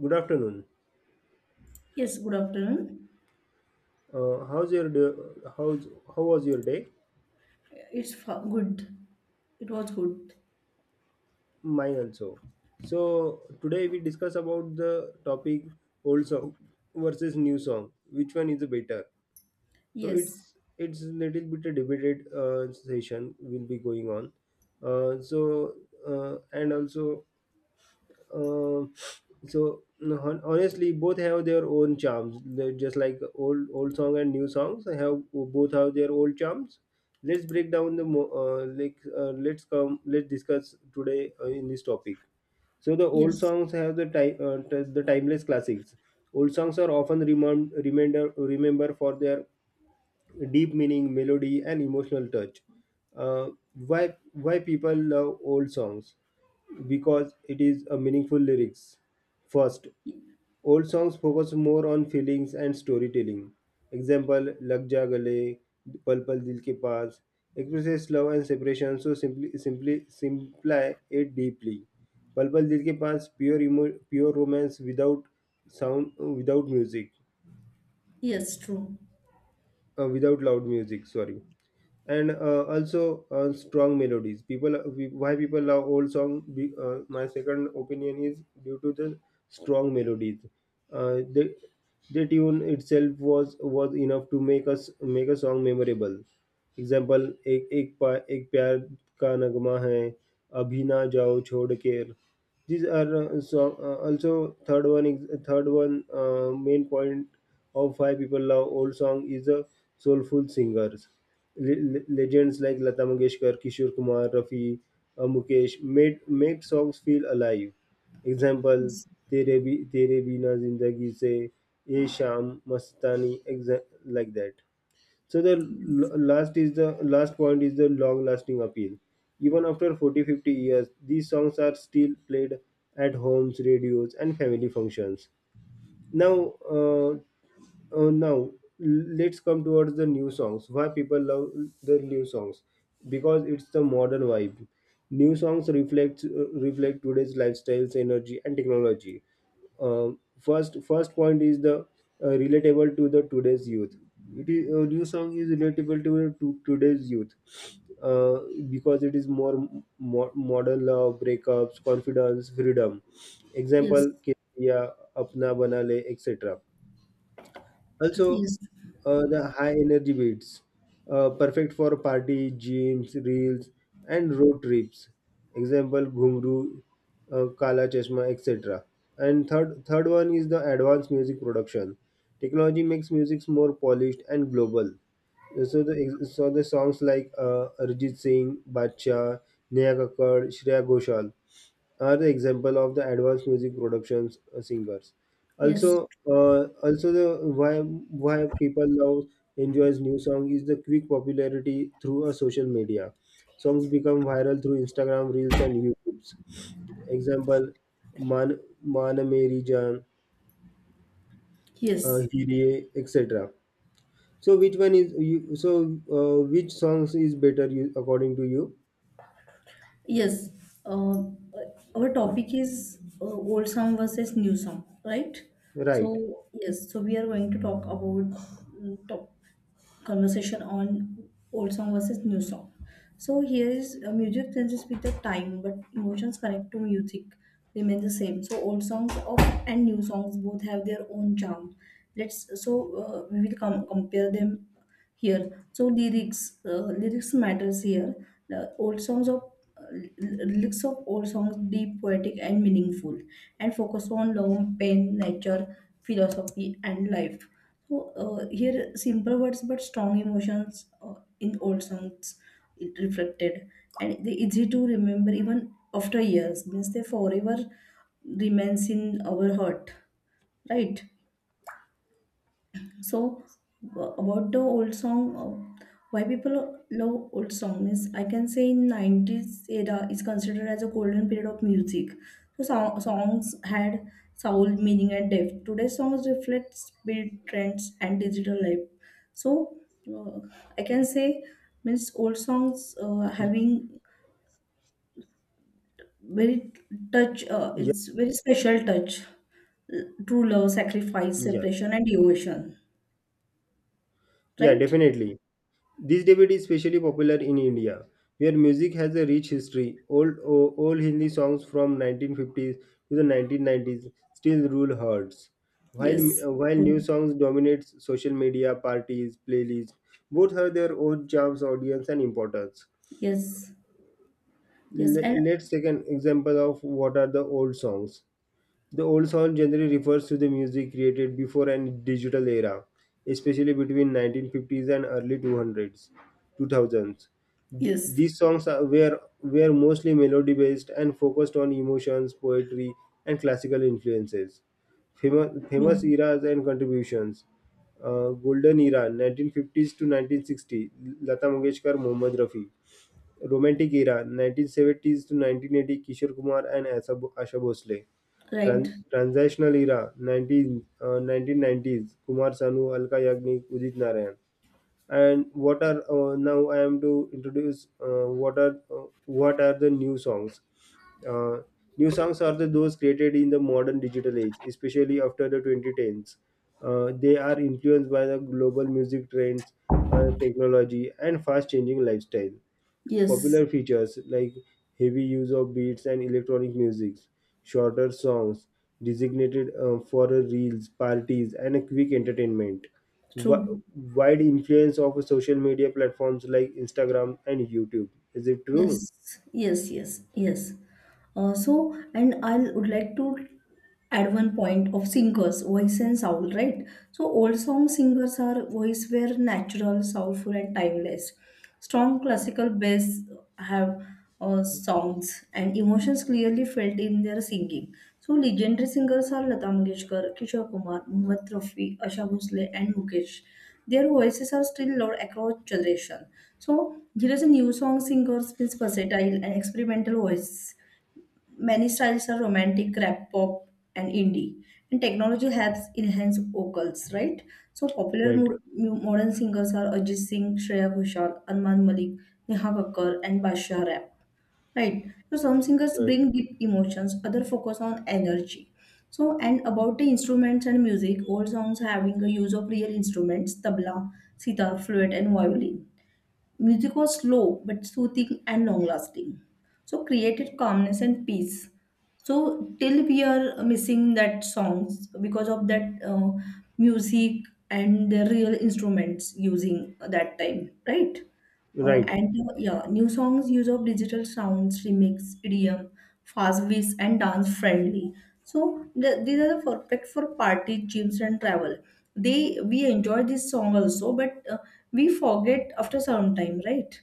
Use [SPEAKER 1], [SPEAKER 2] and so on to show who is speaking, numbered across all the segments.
[SPEAKER 1] Good afternoon.
[SPEAKER 2] Yes, good afternoon.
[SPEAKER 1] Uh, how's your day, how's how was your day?
[SPEAKER 2] It's good. It was good.
[SPEAKER 1] Mine also. So today we discuss about the topic old song versus new song. Which one is better? So
[SPEAKER 2] Yes,
[SPEAKER 1] it's little bit a debated session will be going on. So and also Um so hon- Honestly, both have their own charms. They're just like old song and new songs have both have their old charms. Let's break down the let's discuss today in this topic. So the old
[SPEAKER 2] yes,
[SPEAKER 1] songs have the the timeless classics. Old songs are often remember for their deep meaning, melody, and emotional touch. Uh, why people love old songs? Because it is a meaningful lyrics. First,
[SPEAKER 2] Y-
[SPEAKER 1] old songs focus more on feelings and storytelling. Example, Lag Ja Gale, Pal Pal Dil Ke Paas expresses love and separation, so simply simplify it deeply. Pal Pal Dil Ke Paas pure emo, pure romance without sound, without music,
[SPEAKER 2] yes, true.
[SPEAKER 1] without loud music. Sorry. And also Strong melodies people we- why people love old song, my second opinion is due to the strong melodies uh, the the tune itself was enough to make a song memorable. Example, एक प्यार का नग्मा है, अभी ना जाओ छोड़ के. These are so also Third one, main point of why people love old song is the soulful singers. Legends like Lata Mangeshkar, Kishore Kumar, Rafi, Mukesh made songs feel alive. Example:
[SPEAKER 2] Yes,
[SPEAKER 1] Tere Bi Tere Bina Zindagi Se, Ye Sham, Mastani, like that. So the
[SPEAKER 2] yes,
[SPEAKER 1] last point is the long lasting appeal. Even after 40, 50 years, these songs are still played at homes, radios, and family functions. Now, uh, uh, now let's come towards the new songs. Why people love the new songs? Because it's the modern vibe. New songs reflect today's lifestyles, energy, and technology. First point is the relatable to the today's youth. It is a new song is relatable to today's youth, uh, because it is more modern love, breakups, confidence, freedom.
[SPEAKER 2] yes,
[SPEAKER 1] Example yeah, apna bana, etc. Also,
[SPEAKER 2] yes,
[SPEAKER 1] the high energy beats, perfect for party, gyms, reels, and road trips. Example: Ghumru, Kala Chashma, etc. And third one is the advanced music production. Technology makes music more polished and global. So the songs like Arijit Singh, Badshah, Neha Kakkar, Shreya Ghoshal are the example of the advanced music productions singers.
[SPEAKER 2] yes,
[SPEAKER 1] Also uh, also the why why people love enjoys new song is the quick popularity through a social media. Songs become viral through Instagram reels and YouTubes. Example, man meri jaan,
[SPEAKER 2] yes.
[SPEAKER 1] Hirie, etc. So which songs is better, you, according to you?
[SPEAKER 2] Yes, uh, our topic is old song versus new song, right?
[SPEAKER 1] Right.
[SPEAKER 2] So yes, so we are going to talk about top conversation on old song versus new song. So here is music changes with the time, but emotions connect to music remain the same. So old songs of and new songs both have their own charm. Let's so we will compare them here, so lyrics lyrics matters here, the old songs of uh, lyrics of old songs deep poetic and meaningful, and focus on love, pain, nature, philosophy and life. So here simple words but strong emotions in old songs, it reflected, and they easy to remember even after years, means they forever remains in our heart, right? So about the old song, why people love old song is I can say in 90s era is considered as a golden period of music. So songs had soul, meaning and depth. Today's songs reflect speed, trends and digital life. So uh, I can say means old songs having very touch,
[SPEAKER 1] Yeah,
[SPEAKER 2] it's very special touch, true love, sacrifice,
[SPEAKER 1] yeah,
[SPEAKER 2] separation and devotion,
[SPEAKER 1] yeah,
[SPEAKER 2] right?
[SPEAKER 1] definitely. This debate is especially popular in India, where music has a rich history. Old Hindi songs from 1950s to the 1990s still rule hearts, while
[SPEAKER 2] Yes,
[SPEAKER 1] new
[SPEAKER 2] true.
[SPEAKER 1] songs dominate social media, parties, playlists. Both have their own charms, audience, and importance.
[SPEAKER 2] Yes. Yes. And
[SPEAKER 1] Let's take an example of what are the old songs. The old song generally refers to the music created before and digital era, especially between 1950s and 2000s.
[SPEAKER 2] yes.
[SPEAKER 1] These songs were mostly melody based and focused on emotions, poetry, and classical influences. Famous
[SPEAKER 2] True.
[SPEAKER 1] eras and contributions, Golden Era 1950s to 1960, Lata Mangeshkar, Mohammad Rafi. Romantic era 1970s to 1980, Kishore Kumar and Asha Bhosle.
[SPEAKER 2] Right.
[SPEAKER 1] Transitional era 1990s, Kumar Sanu, Alka Yagnik, Udit Narayan. And what are now I am to introduce what are the new songs? Uh, New songs are the those created in the modern digital age, especially after the 2010s. They are influenced by the global music trends, technology, and fast changing lifestyle.
[SPEAKER 2] Yes.
[SPEAKER 1] Popular features like heavy use of beats and electronic music, shorter songs designated for reels, parties, and a quick entertainment. Wi-
[SPEAKER 2] True.
[SPEAKER 1] Wide influence of social media platforms like Instagram and YouTube. Is it
[SPEAKER 2] Yes,
[SPEAKER 1] true?
[SPEAKER 2] yes, yes, yes. So, and I would like to add one point of singers, voice and sound, right? So, old song singers are voice were natural, soulful, and timeless. Strong classical bass have songs and emotions clearly felt in their singing. So, legendary singers are Lata Mangeshkar, Kishore Kumar, Mohammad Rafi, Asha Bhosle, and Mukesh. Their voices are still loved across generation. So here is a new song singers means versatile and experimental voice. Many styles are romantic, rap, pop, and indie. And technology helps enhance vocals, right? So popular
[SPEAKER 1] Right,
[SPEAKER 2] modern singers are Ajit Singh, Shreya Ghoshal, Anman Malik, Neha Kakkar, and Basha Rap. Right. So some singers
[SPEAKER 1] right,
[SPEAKER 2] bring deep emotions, other focus on energy. So and about the instruments and music, all songs having a use of real instruments, tabla, sitar, flute, and violin. Music was slow but soothing and long lasting. So created calmness and peace. So till we are missing that songs because of that music and the real instruments using that time, right? Uh,
[SPEAKER 1] right,
[SPEAKER 2] and uh, yeah, new songs use of digital sounds, remix, idiom, fast beats, and dance friendly. So these are the perfect for party, gyms, and travel. They we enjoy this song also, but we forget after some time, right?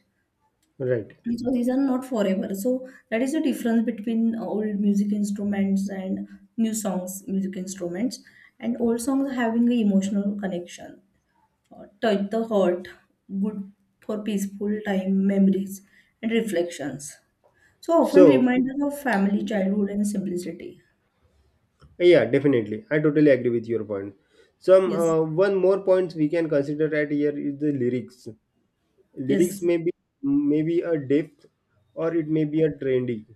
[SPEAKER 1] right.
[SPEAKER 2] So these are not forever. So that is the difference between old music instruments and new songs, music instruments, and old songs having an emotional connection, touch the heart, good for peaceful time, memories, and reflections. So often
[SPEAKER 1] So,
[SPEAKER 2] reminders of family, childhood, and simplicity.
[SPEAKER 1] yeah, definitely. I totally agree with your point. Some
[SPEAKER 2] Yes,
[SPEAKER 1] one more points we can consider at here is the lyrics. Lyrics
[SPEAKER 2] yes,
[SPEAKER 1] may be a depth or it may be a trendy.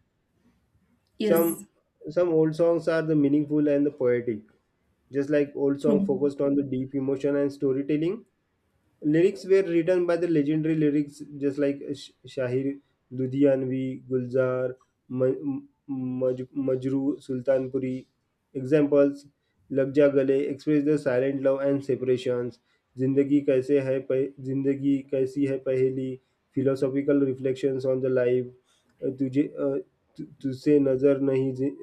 [SPEAKER 2] yes,
[SPEAKER 1] Some old songs are the meaningful and the poetic, just like old song
[SPEAKER 2] true.
[SPEAKER 1] focused on the deep emotion and storytelling. Lyrics were written by the legendary lyrics just like Shahir Ludhianvi, Gulzar, Majru Sultanpuri. Examples, Lag Ja Gale express the silent love and separations. जिंदगी कैसी है पहेली, philosophical reflections on the life, तुझे uh, तु- तुझसे नजर नहीं जि-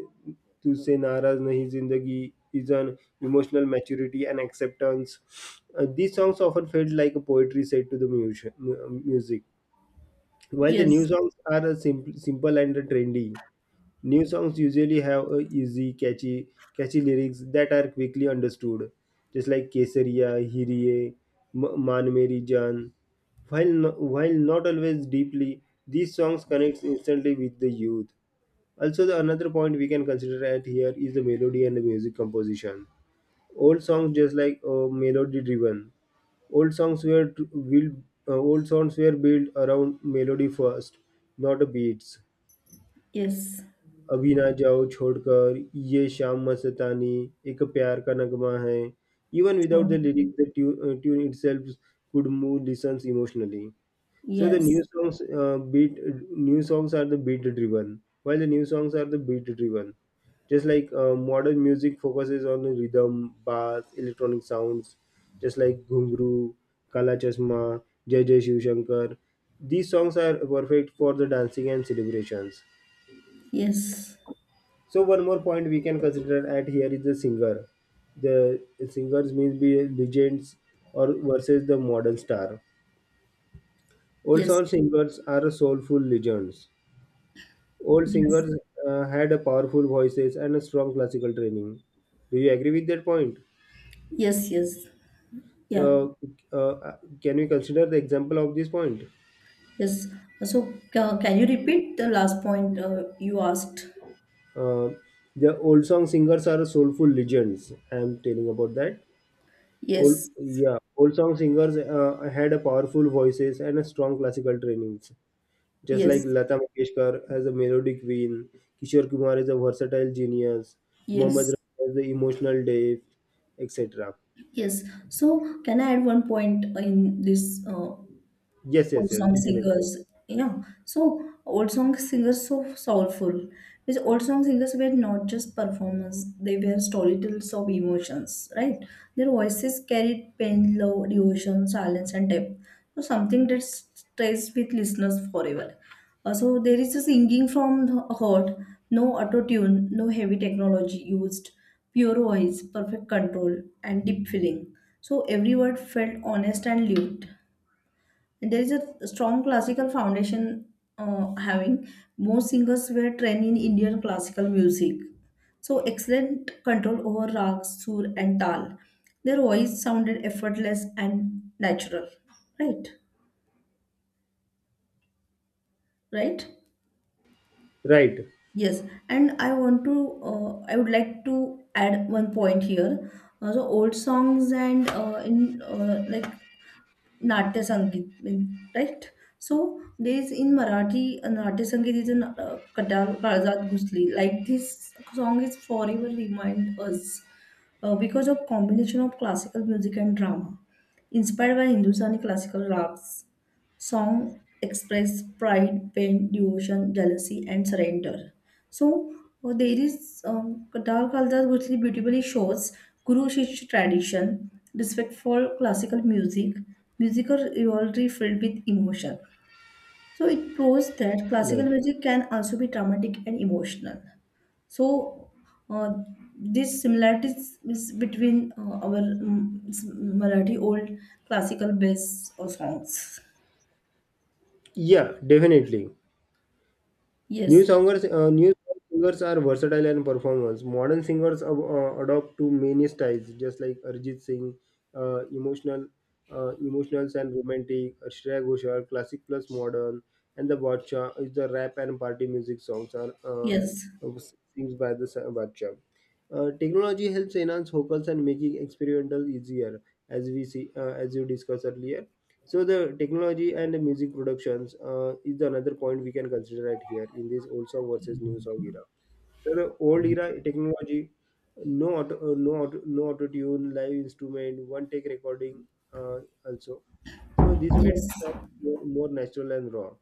[SPEAKER 1] तुझसे नाराज नहीं जिंदगी, इजन emotional maturity and acceptance. These songs often felt like a poetry set to the music. While the new
[SPEAKER 2] Yes,
[SPEAKER 1] songs are simple and trendy, new songs usually have catchy lyrics that are quickly understood, just like Kesariya, Hiriye, Man Meri Jaan. While not always deeply, these songs connect instantly with the youth. Also, the another point we can consider at here is the melody and the music composition. Old songs just like melody driven. Old songs were t- built, Old songs were built around melody first, not the beats.
[SPEAKER 2] yes,
[SPEAKER 1] अभी ना जाओ छोड़कर, ये शाम मस्तानी, एक प्यार का नगमा है, even without
[SPEAKER 2] true.
[SPEAKER 1] The lyrics the tune itself could move listeners emotionally. So the
[SPEAKER 2] Yes,
[SPEAKER 1] new songs are the beat driven, while the new songs are the beat driven. Just like modern music focuses on the rhythm, bass, electronic sounds, just like Ghungru, Kala Chasma, Jai Jai Shiv Shankar. These songs are perfect for the dancing and celebrations.
[SPEAKER 2] yes,
[SPEAKER 1] So one more point we can consider at here is the singer. The singers means be legends or versus the modern star. Old
[SPEAKER 2] yes,
[SPEAKER 1] soul singers are soulful legends. Old
[SPEAKER 2] yes,
[SPEAKER 1] singers had a powerful voices and a strong classical training. Do you agree with that point?
[SPEAKER 2] yes, yes, yeah,
[SPEAKER 1] So, can we consider the example of this point?
[SPEAKER 2] yes. So can you repeat the last point you asked?
[SPEAKER 1] Uh, the old song singers are soulful legends. I am telling about that.
[SPEAKER 2] Yes,
[SPEAKER 1] Old song singers had a powerful voices and a strong classical trainings. Just like
[SPEAKER 2] yes,
[SPEAKER 1] Lata Mangeshkar has a melodic vein, Kishore Kumar is a versatile genius, Mohammad
[SPEAKER 2] yes,
[SPEAKER 1] Rafi has the emotional depth, etc.
[SPEAKER 2] yes. So, can I add one point in this
[SPEAKER 1] Yes,
[SPEAKER 2] old
[SPEAKER 1] yes, yes,
[SPEAKER 2] song
[SPEAKER 1] definitely.
[SPEAKER 2] singers, yeah. So old song singers so soulful, because old song singers were not just performers, they were storytellers of emotions, right? Their voices carried pain, love, devotion, silence and depth, so something that stays with listeners forever. So there is a singing from the heart, no auto tune, no heavy technology used, pure voice, perfect control, and deep feeling, so every word felt honest and lived. There is a strong classical foundation, having most singers were trained in Indian classical music. So excellent control over rag, sur and tal. Their voice sounded effortless and natural. Right? Right?
[SPEAKER 1] Right,
[SPEAKER 2] Yes, and I would like to add one point here. The old songs and in like Natya Sangeet, right? So there's in Marathi, Natya Sangeet is in Katal Kalzat Ghusli. Like this song is forever remind us because of combination of classical music and drama, inspired by Hindustani classical rags. Song express pride, pain, devotion, jealousy, and surrender. So there is Dal Kaldas Bhutli beautifully shows Guru Shishya tradition, respectful classical music, musical rivalry filled with emotion. So it proves that classical
[SPEAKER 1] right.
[SPEAKER 2] music can also be dramatic and emotional. So uh, these similarities is between our Marathi old classical based songs.
[SPEAKER 1] Yeah, definitely.
[SPEAKER 2] Yes.
[SPEAKER 1] New singers are versatile and performers. Modern singers adopt to many styles, just like Arjit Singh, uh, emotional, emotionals and romantic, Shreya Ghoshal, classic plus modern, and the Badshah is the rap and party music songs are
[SPEAKER 2] Yes,
[SPEAKER 1] sings by the Badshah. Technology helps enhance vocals and making experimental easier, as we see, as you discussed earlier. So the technology and the music productions is another point we can consider right here in this old song versus new song era. So the old era technology, no auto tune, live instrument, one take recording uh, also. So this made song
[SPEAKER 2] yes,
[SPEAKER 1] more natural and raw.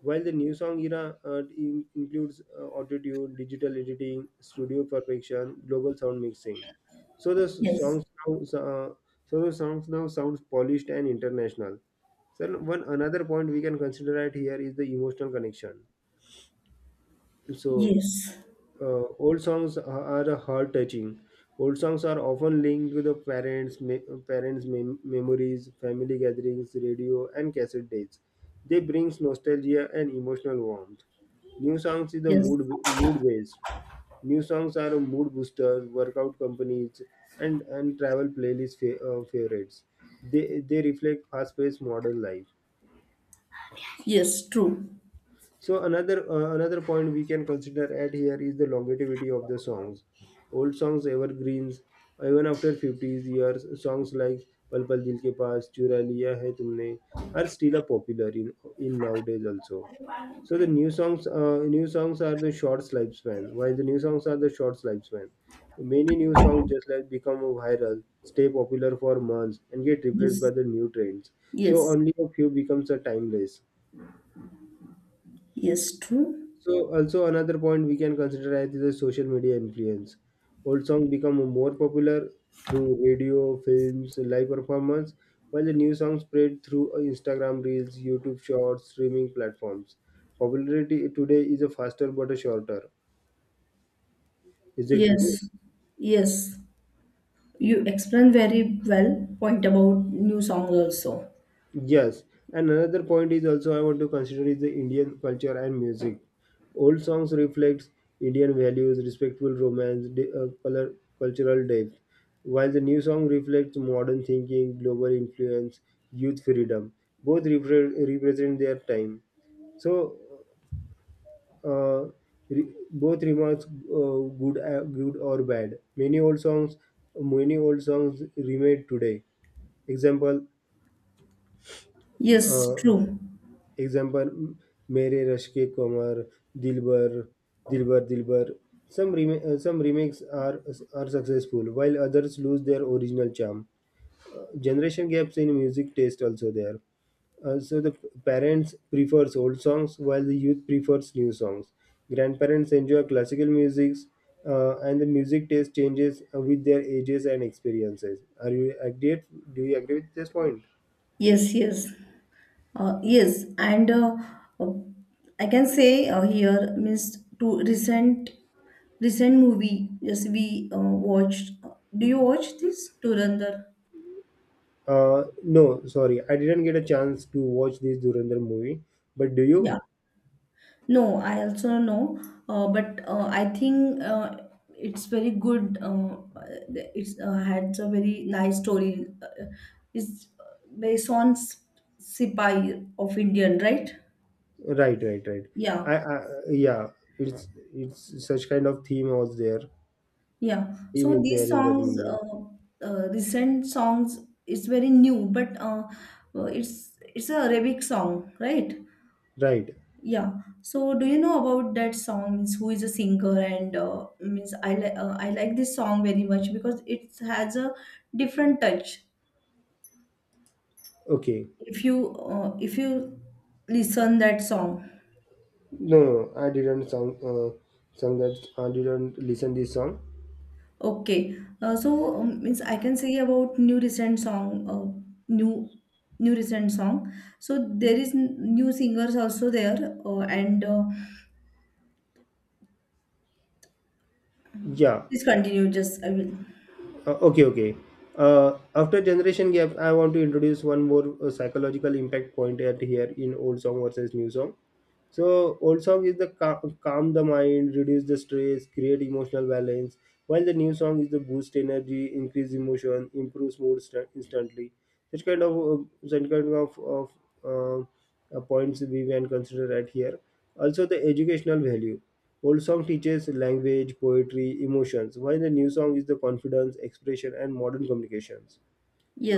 [SPEAKER 1] While the new song era includes auto tune, digital editing, studio perfection, global sound mixing. So
[SPEAKER 2] yes,
[SPEAKER 1] the songs now sounds polished and international. So one another point we can consider right here is the emotional connection. So
[SPEAKER 2] yes,
[SPEAKER 1] old songs are heart touching. Old songs are often linked to the parents' memories, family gatherings, radio, and cassette dates. They brings nostalgia and emotional warmth. New songs is the
[SPEAKER 2] yes,
[SPEAKER 1] mood based. New songs are mood boosters, workout companies, and travel playlist favorites. They reflect fast paced modern life.
[SPEAKER 2] yes, true.
[SPEAKER 1] So another point we can consider at here is the longevity of the songs. Old songs, evergreens, even after 50 years, songs like Pal Pal Dil Ke Paas, Chura Liya Hai Tumne are still a popular in nowadays also. So new songs are the short lifespan. Many new songs just like become viral, stay popular for months, and get replaced by
[SPEAKER 2] Yes,
[SPEAKER 1] the new trends. So
[SPEAKER 2] yes,
[SPEAKER 1] only a few becomes a timeless.
[SPEAKER 2] yes, true.
[SPEAKER 1] So also another point we can consider as the social media influence. Old songs become more popular through radio, films, live performance, while the new songs spread through Instagram reels, YouTube shorts, streaming platforms. Popularity today is a faster but a shorter. Is it true?
[SPEAKER 2] Yes, yes. You explain very well point about new song also.
[SPEAKER 1] Yes, and another point is also I want to consider is the Indian culture and music. Old songs reflects Indian values, respectful romance, color, cultural depth, while the new song reflects modern thinking, global influence, youth freedom. Both represent their time. So, uh, both remarks good, good or bad. Many old songs remade today. Example.
[SPEAKER 2] Yes,
[SPEAKER 1] Uh,
[SPEAKER 2] true.
[SPEAKER 1] Example, Mere Rashk Ke Qamar, Dilbar, Dilbar Dilbar." Some remakes are successful, while others lose their original charm. Generation gaps in music taste also there. So the parents prefers old songs, while the youth prefers new songs. Grandparents enjoy classical music, and the music taste changes with their ages and experiences. Are you agree? Do you agree with this point?
[SPEAKER 2] Yes, yes, yes. And uh, I can say here means to recent movie. Yes, we watched. Do you watch this? Durandar.
[SPEAKER 1] No, sorry, I didn't get a chance to watch this Durandar movie. But do you?
[SPEAKER 2] Yeah. No, I also know, but I think it's very good. It's had a very nice story. It's based on Sipai of Indian, right?
[SPEAKER 1] Right, right, right.
[SPEAKER 2] Yeah,
[SPEAKER 1] I yeah, it's it's such kind of theme was there.
[SPEAKER 2] yeah.
[SPEAKER 1] Theme
[SPEAKER 2] So
[SPEAKER 1] is there
[SPEAKER 2] these
[SPEAKER 1] in that
[SPEAKER 2] songs,
[SPEAKER 1] movie.
[SPEAKER 2] recent songs, it's very new, but it's a Arabic song, right?
[SPEAKER 1] Right.
[SPEAKER 2] Yeah. So, do you know about that song? Means who is a singer and means I like this song very much because it has a different touch.
[SPEAKER 1] Okay.
[SPEAKER 2] If you listen that song,
[SPEAKER 1] No, no, no. I didn't sound sung that. I didn't listen this song.
[SPEAKER 2] okay. So means I can say about new recent song, new new recent song. So there is new singers also there, and
[SPEAKER 1] Yeah.
[SPEAKER 2] please continue. Just I will.
[SPEAKER 1] Okay. Okay. After generation gap, I want to introduce one more psychological impact point at here in old song versus new song. So old song is the calm the mind, reduce the stress, create emotional balance, while the new song is the boost energy, increase emotion, improves mood instantly. Such kind of such kind of uh, points we can consider right here. Also the educational value. Old song teaches language, poetry, emotions, while the new song is the confidence, expression, and modern communications,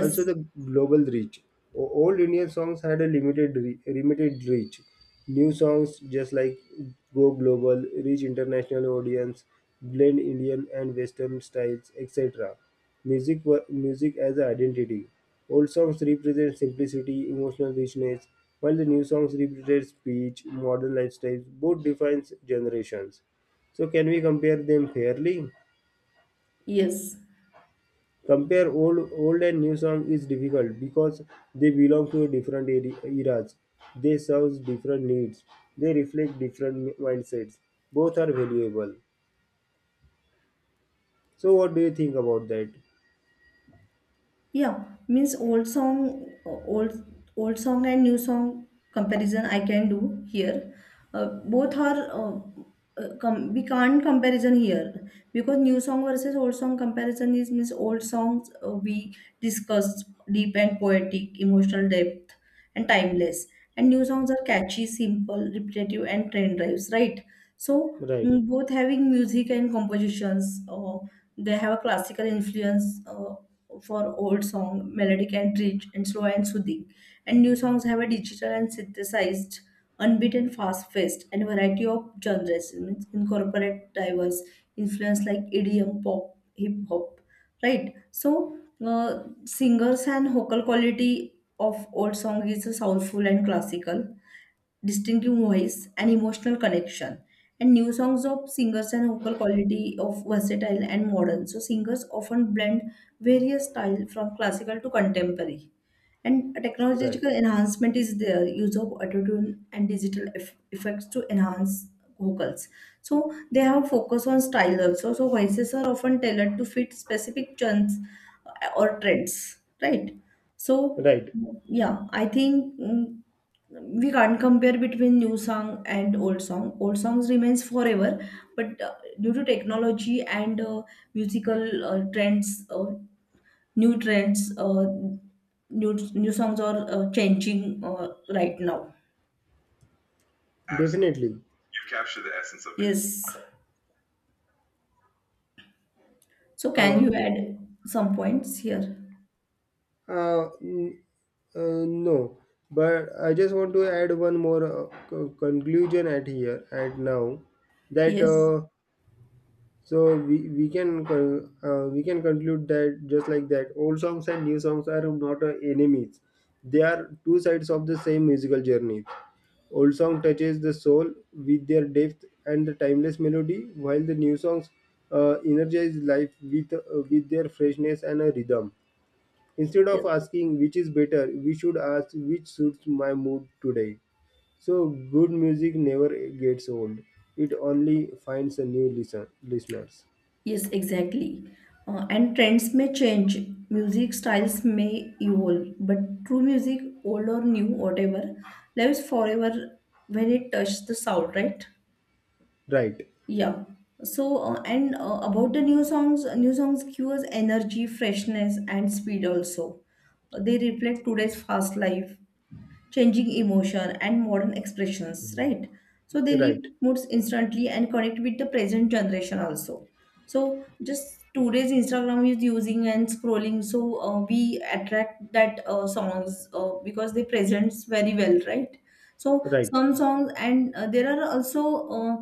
[SPEAKER 1] also the global reach. Old Indian songs had a limited limited reach. New songs just like go global, reach international audience, blend Indian and Western styles, etc. Music as an identity. Old songs represent simplicity, emotional richness, while the new songs represent speech, modern lifestyles. Both defines generations. So can we compare them fairly?
[SPEAKER 2] Yes.
[SPEAKER 1] Compare old and new song is difficult because they belong to different eras. They serve different needs. They reflect different mindsets. Both are valuable. So what do you think about that?
[SPEAKER 2] Yeah, means old song and new song comparison I can do here. Both are we can't comparison here because new song versus old song comparison is means old songs we discussed deep and poetic, emotional depth and timeless, and new songs are catchy, simple, repetitive and trend drives. Right, so
[SPEAKER 1] Right,
[SPEAKER 2] both having music and compositions. They have a classical influence for old song, melodic and rich and slow and soothing. And new songs have a digital and synthesized, unbeaten, fast paced, and variety of genres. It means incorporate diverse influence like EDM, pop, hip hop, right? So singers and vocal quality of old song is soulful and classical, distinctive voice, and emotional connection. And new songs of singers and vocal quality of versatile and modern. So singers often blend various styles from classical to contemporary. And a
[SPEAKER 1] right,
[SPEAKER 2] technological enhancement is there, use of autotune and digital effects to enhance vocals. So they have focus on style also. So voices are often tailored to fit specific chants or trends, right? So
[SPEAKER 1] right.
[SPEAKER 2] yeah, I think, we can't compare between new song and old song, old songs remains forever, but due to technology and musical trends, new trends uh, new songs are changing right now.
[SPEAKER 1] Definitely.
[SPEAKER 2] Yes, so can
[SPEAKER 1] Uh,
[SPEAKER 2] you add some points here?
[SPEAKER 1] uh, mm, uh, no, but I just want to add one more conclusion at here at now that.
[SPEAKER 2] Yes.
[SPEAKER 1] So we can conclude that just like that, old songs and new songs are not enemies. They are two sides of the same musical journey. Old song touches the soul with their depth and the timeless melody, while the new songs energize life with their freshness and a rhythm. Instead of
[SPEAKER 2] Yes.
[SPEAKER 1] asking which is better, we should ask which suits my mood today. So good music never gets old; it only finds a listeners.
[SPEAKER 2] Yes, exactly. And trends may change, music styles may evolve, but true music, old or new, whatever, lives forever when it touches the soul, right?
[SPEAKER 1] Right,
[SPEAKER 2] Yeah. So, and about the new songs give us energy, freshness, and speed also. They reflect today's fast life, changing emotion and modern expressions,
[SPEAKER 1] mm,
[SPEAKER 2] right? So they
[SPEAKER 1] right,
[SPEAKER 2] leave moods instantly and connect with the present generation also. So just today's Instagram is using and scrolling, so we attract that songs because they presents very well, right? So
[SPEAKER 1] right.
[SPEAKER 2] some songs and there are also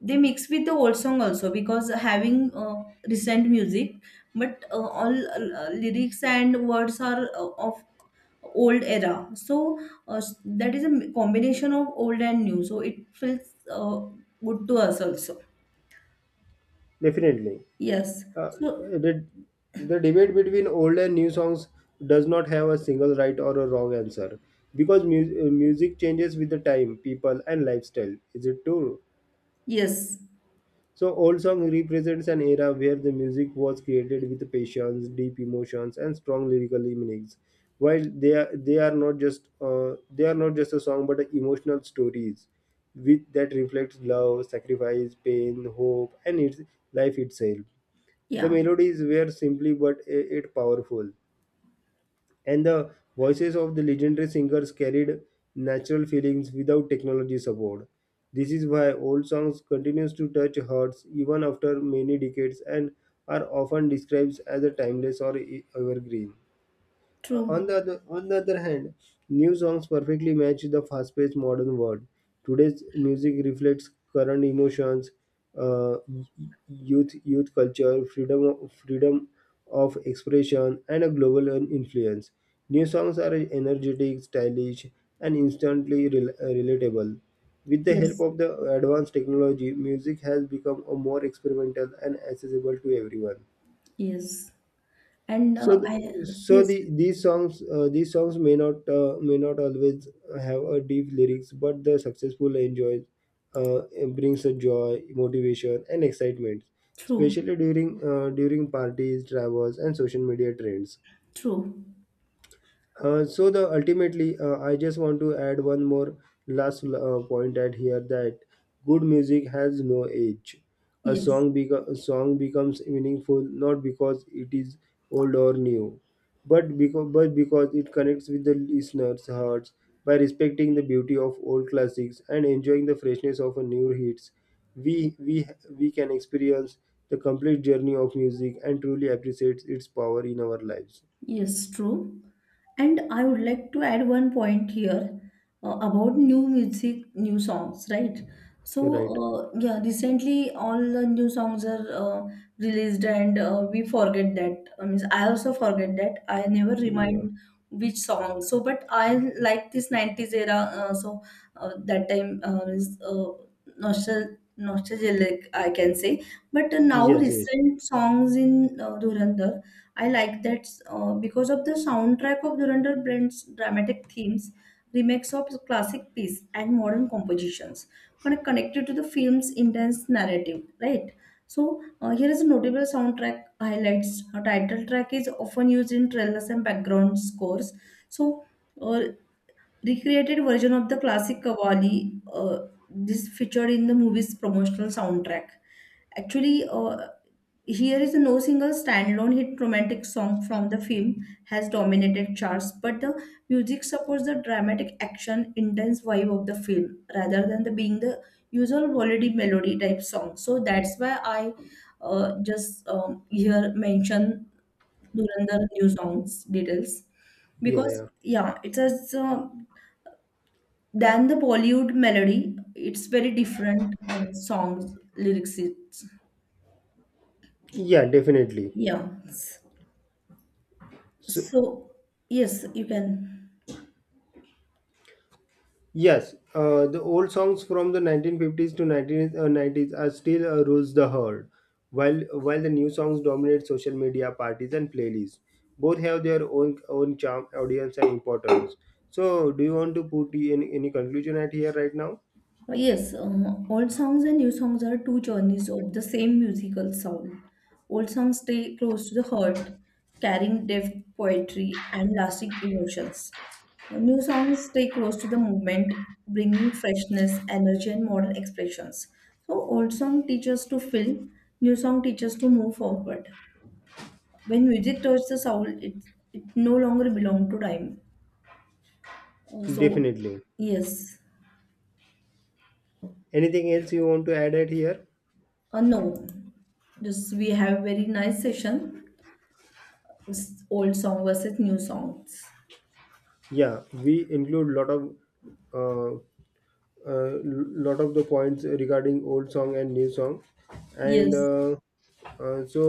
[SPEAKER 2] they mix with the old song also because having recent music, but all lyrics and words are of old era, so that is a combination of old and new, so it feels uh, good to us also.
[SPEAKER 1] Definitely.
[SPEAKER 2] Yes.
[SPEAKER 1] Uh,
[SPEAKER 2] So
[SPEAKER 1] the, the debate between old and new songs does not have a single right or a wrong answer because music changes with the time, people, and lifestyle. Is it true?
[SPEAKER 2] yes,
[SPEAKER 1] So, old song represents an era where the music was created with patience, deep emotions, and strong lyrical meanings. While they are not just a song, but emotional stories with that reflects love, sacrifice, pain, hope, and its life itself. The
[SPEAKER 2] yeah,
[SPEAKER 1] melodies were simply but yet powerful and the voices of the legendary singers carried natural feelings without technology support. This is why old songs continues to touch hearts even after many decades and are often described as a timeless or evergreen.
[SPEAKER 2] true,
[SPEAKER 1] On the other hand, new songs perfectly match the fast-paced modern world. Today's music reflects current emotions, uh, youth culture, freedom of expression, and a global influence. New songs are energetic, stylish, and instantly relatable. With the help
[SPEAKER 2] yes,
[SPEAKER 1] of the advanced technology, music has become a more experimental and accessible to everyone,
[SPEAKER 2] yes, and
[SPEAKER 1] so th-
[SPEAKER 2] I
[SPEAKER 1] so
[SPEAKER 2] yes,
[SPEAKER 1] the these songs may not always have a deep lyrics but the successful enjoys, uh, brings a joy motivation and excitement
[SPEAKER 2] true,
[SPEAKER 1] especially during during parties travels and social media trends.
[SPEAKER 2] true,
[SPEAKER 1] So the ultimately, I just want to add one more last point at here that good music has no age.
[SPEAKER 2] yes,
[SPEAKER 1] A song becomes meaningful not because it is old or new, but because it connects with the listener's hearts by respecting the beauty of old classics and enjoying the freshness of a new hits. We we can experience the complete journey of music and truly appreciate its power in our lives.
[SPEAKER 2] yes, true. And I would like to add one point here about new music, new songs, right? So,
[SPEAKER 1] Right.
[SPEAKER 2] yeah, recently all the new songs are released, and we forget that. I mean, I also forget that. I never
[SPEAKER 1] Yeah.
[SPEAKER 2] remind which song. So, but I like this 90s era. That time is nostalgic, I can say. But now,
[SPEAKER 1] Yes, yes.
[SPEAKER 2] recent songs in Dhurandhar, I like that because of the soundtrack of Dhurandhar blends dramatic themes, remakes of classic pieces, and modern compositions, kind of connected to the film's intense narrative, right? So here is a notable soundtrack highlights. A title track is often used in trailers and background scores. So uh, recreated version of the classic Kavali, this featured in the movie's promotional soundtrack. Actually, here is a no single standalone hit romantic song from the film has dominated charts, but the music supports the dramatic action, intense vibe of the film rather than the being the usual holiday melody type song. So that's why I just here mention Durandar new songs details,
[SPEAKER 1] Yeah,
[SPEAKER 2] because
[SPEAKER 1] yeah.
[SPEAKER 2] yeah, it's as than the Bollywood melody. It's very different songs lyrics. It's,
[SPEAKER 1] Yeah, definitely.
[SPEAKER 2] yeah.
[SPEAKER 1] So,
[SPEAKER 2] So, yes, you can.
[SPEAKER 1] yes, the old songs from the 1950s to 90s are still rules the herd, while the new songs dominate social media parties and playlists. Both have their own charm, audience, and importance. So, do you want to put in any conclusion at here right now?
[SPEAKER 2] Yes, old songs and new songs are two journeys of the same musical soul. Old songs stay close to the heart, carrying depth, poetry, and lasting emotions. New songs stay close to the movement, bringing freshness, energy, and modern expressions. So, old song teaches to feel, new song teaches to move forward. When music touches the soul, it no longer belongs to time. So,
[SPEAKER 1] Definitely.
[SPEAKER 2] yes.
[SPEAKER 1] Anything else you want to add at here?
[SPEAKER 2] No, just we have very nice session. It's old song versus new songs.
[SPEAKER 1] Yeah, we include lot of uh, a lot of the points regarding old song and new song and
[SPEAKER 2] Yes,
[SPEAKER 1] so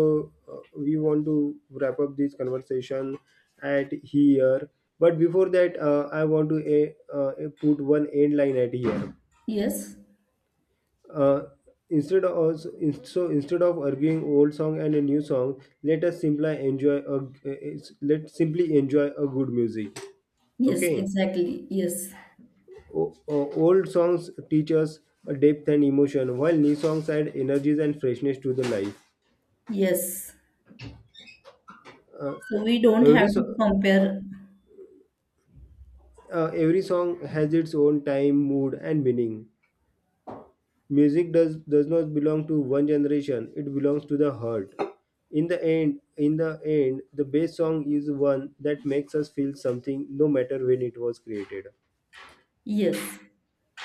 [SPEAKER 1] we want to wrap up this conversation at here, but before that I want to put one end line at here.
[SPEAKER 2] yes,
[SPEAKER 1] Uh, instead of so, in- so Instead of arguing old song and a new song, let us simply enjoy a, let simply enjoy a good music.
[SPEAKER 2] yes,
[SPEAKER 1] Okay.
[SPEAKER 2] exactly. Yes,
[SPEAKER 1] Old songs teach us a depth and emotion, while new songs add energies and freshness to the life.
[SPEAKER 2] yes. So we don't
[SPEAKER 1] Every
[SPEAKER 2] have to
[SPEAKER 1] so-
[SPEAKER 2] compare.
[SPEAKER 1] every song has its own time, mood, and meaning. Music does not belong to one generation; it belongs to the heart. In the end, the best song is one that makes us feel something, no matter when it was created.
[SPEAKER 2] Yes,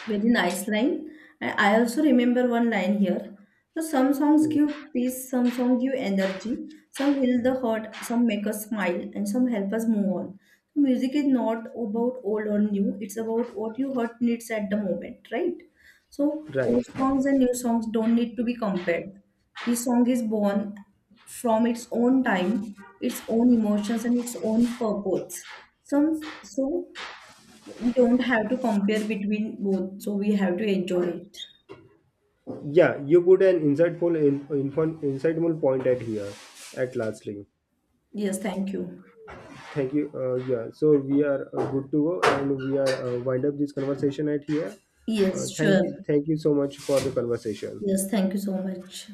[SPEAKER 2] very nice line. And I also remember one line here. So some songs give peace, some songs give energy, some heal the hurt, some make us smile, and some help us move on. So music is not about old or new, it's about what your heart needs at the moment, right? So
[SPEAKER 1] Right.
[SPEAKER 2] old songs and new songs don't need to be compared. Each song is born from its own time, its own emotions, and its own purpose. Some so we don't have to compare between both, so we have to enjoy it.
[SPEAKER 1] Yeah, you put an insightful point at here, at lastly.
[SPEAKER 2] Yes, thank you.
[SPEAKER 1] Thank you. Yeah. So we are good to go, and we are wind up this conversation at here.
[SPEAKER 2] Yes,
[SPEAKER 1] Thank
[SPEAKER 2] sure.
[SPEAKER 1] you. Thank you so much for the conversation.
[SPEAKER 2] Yes, thank you so much.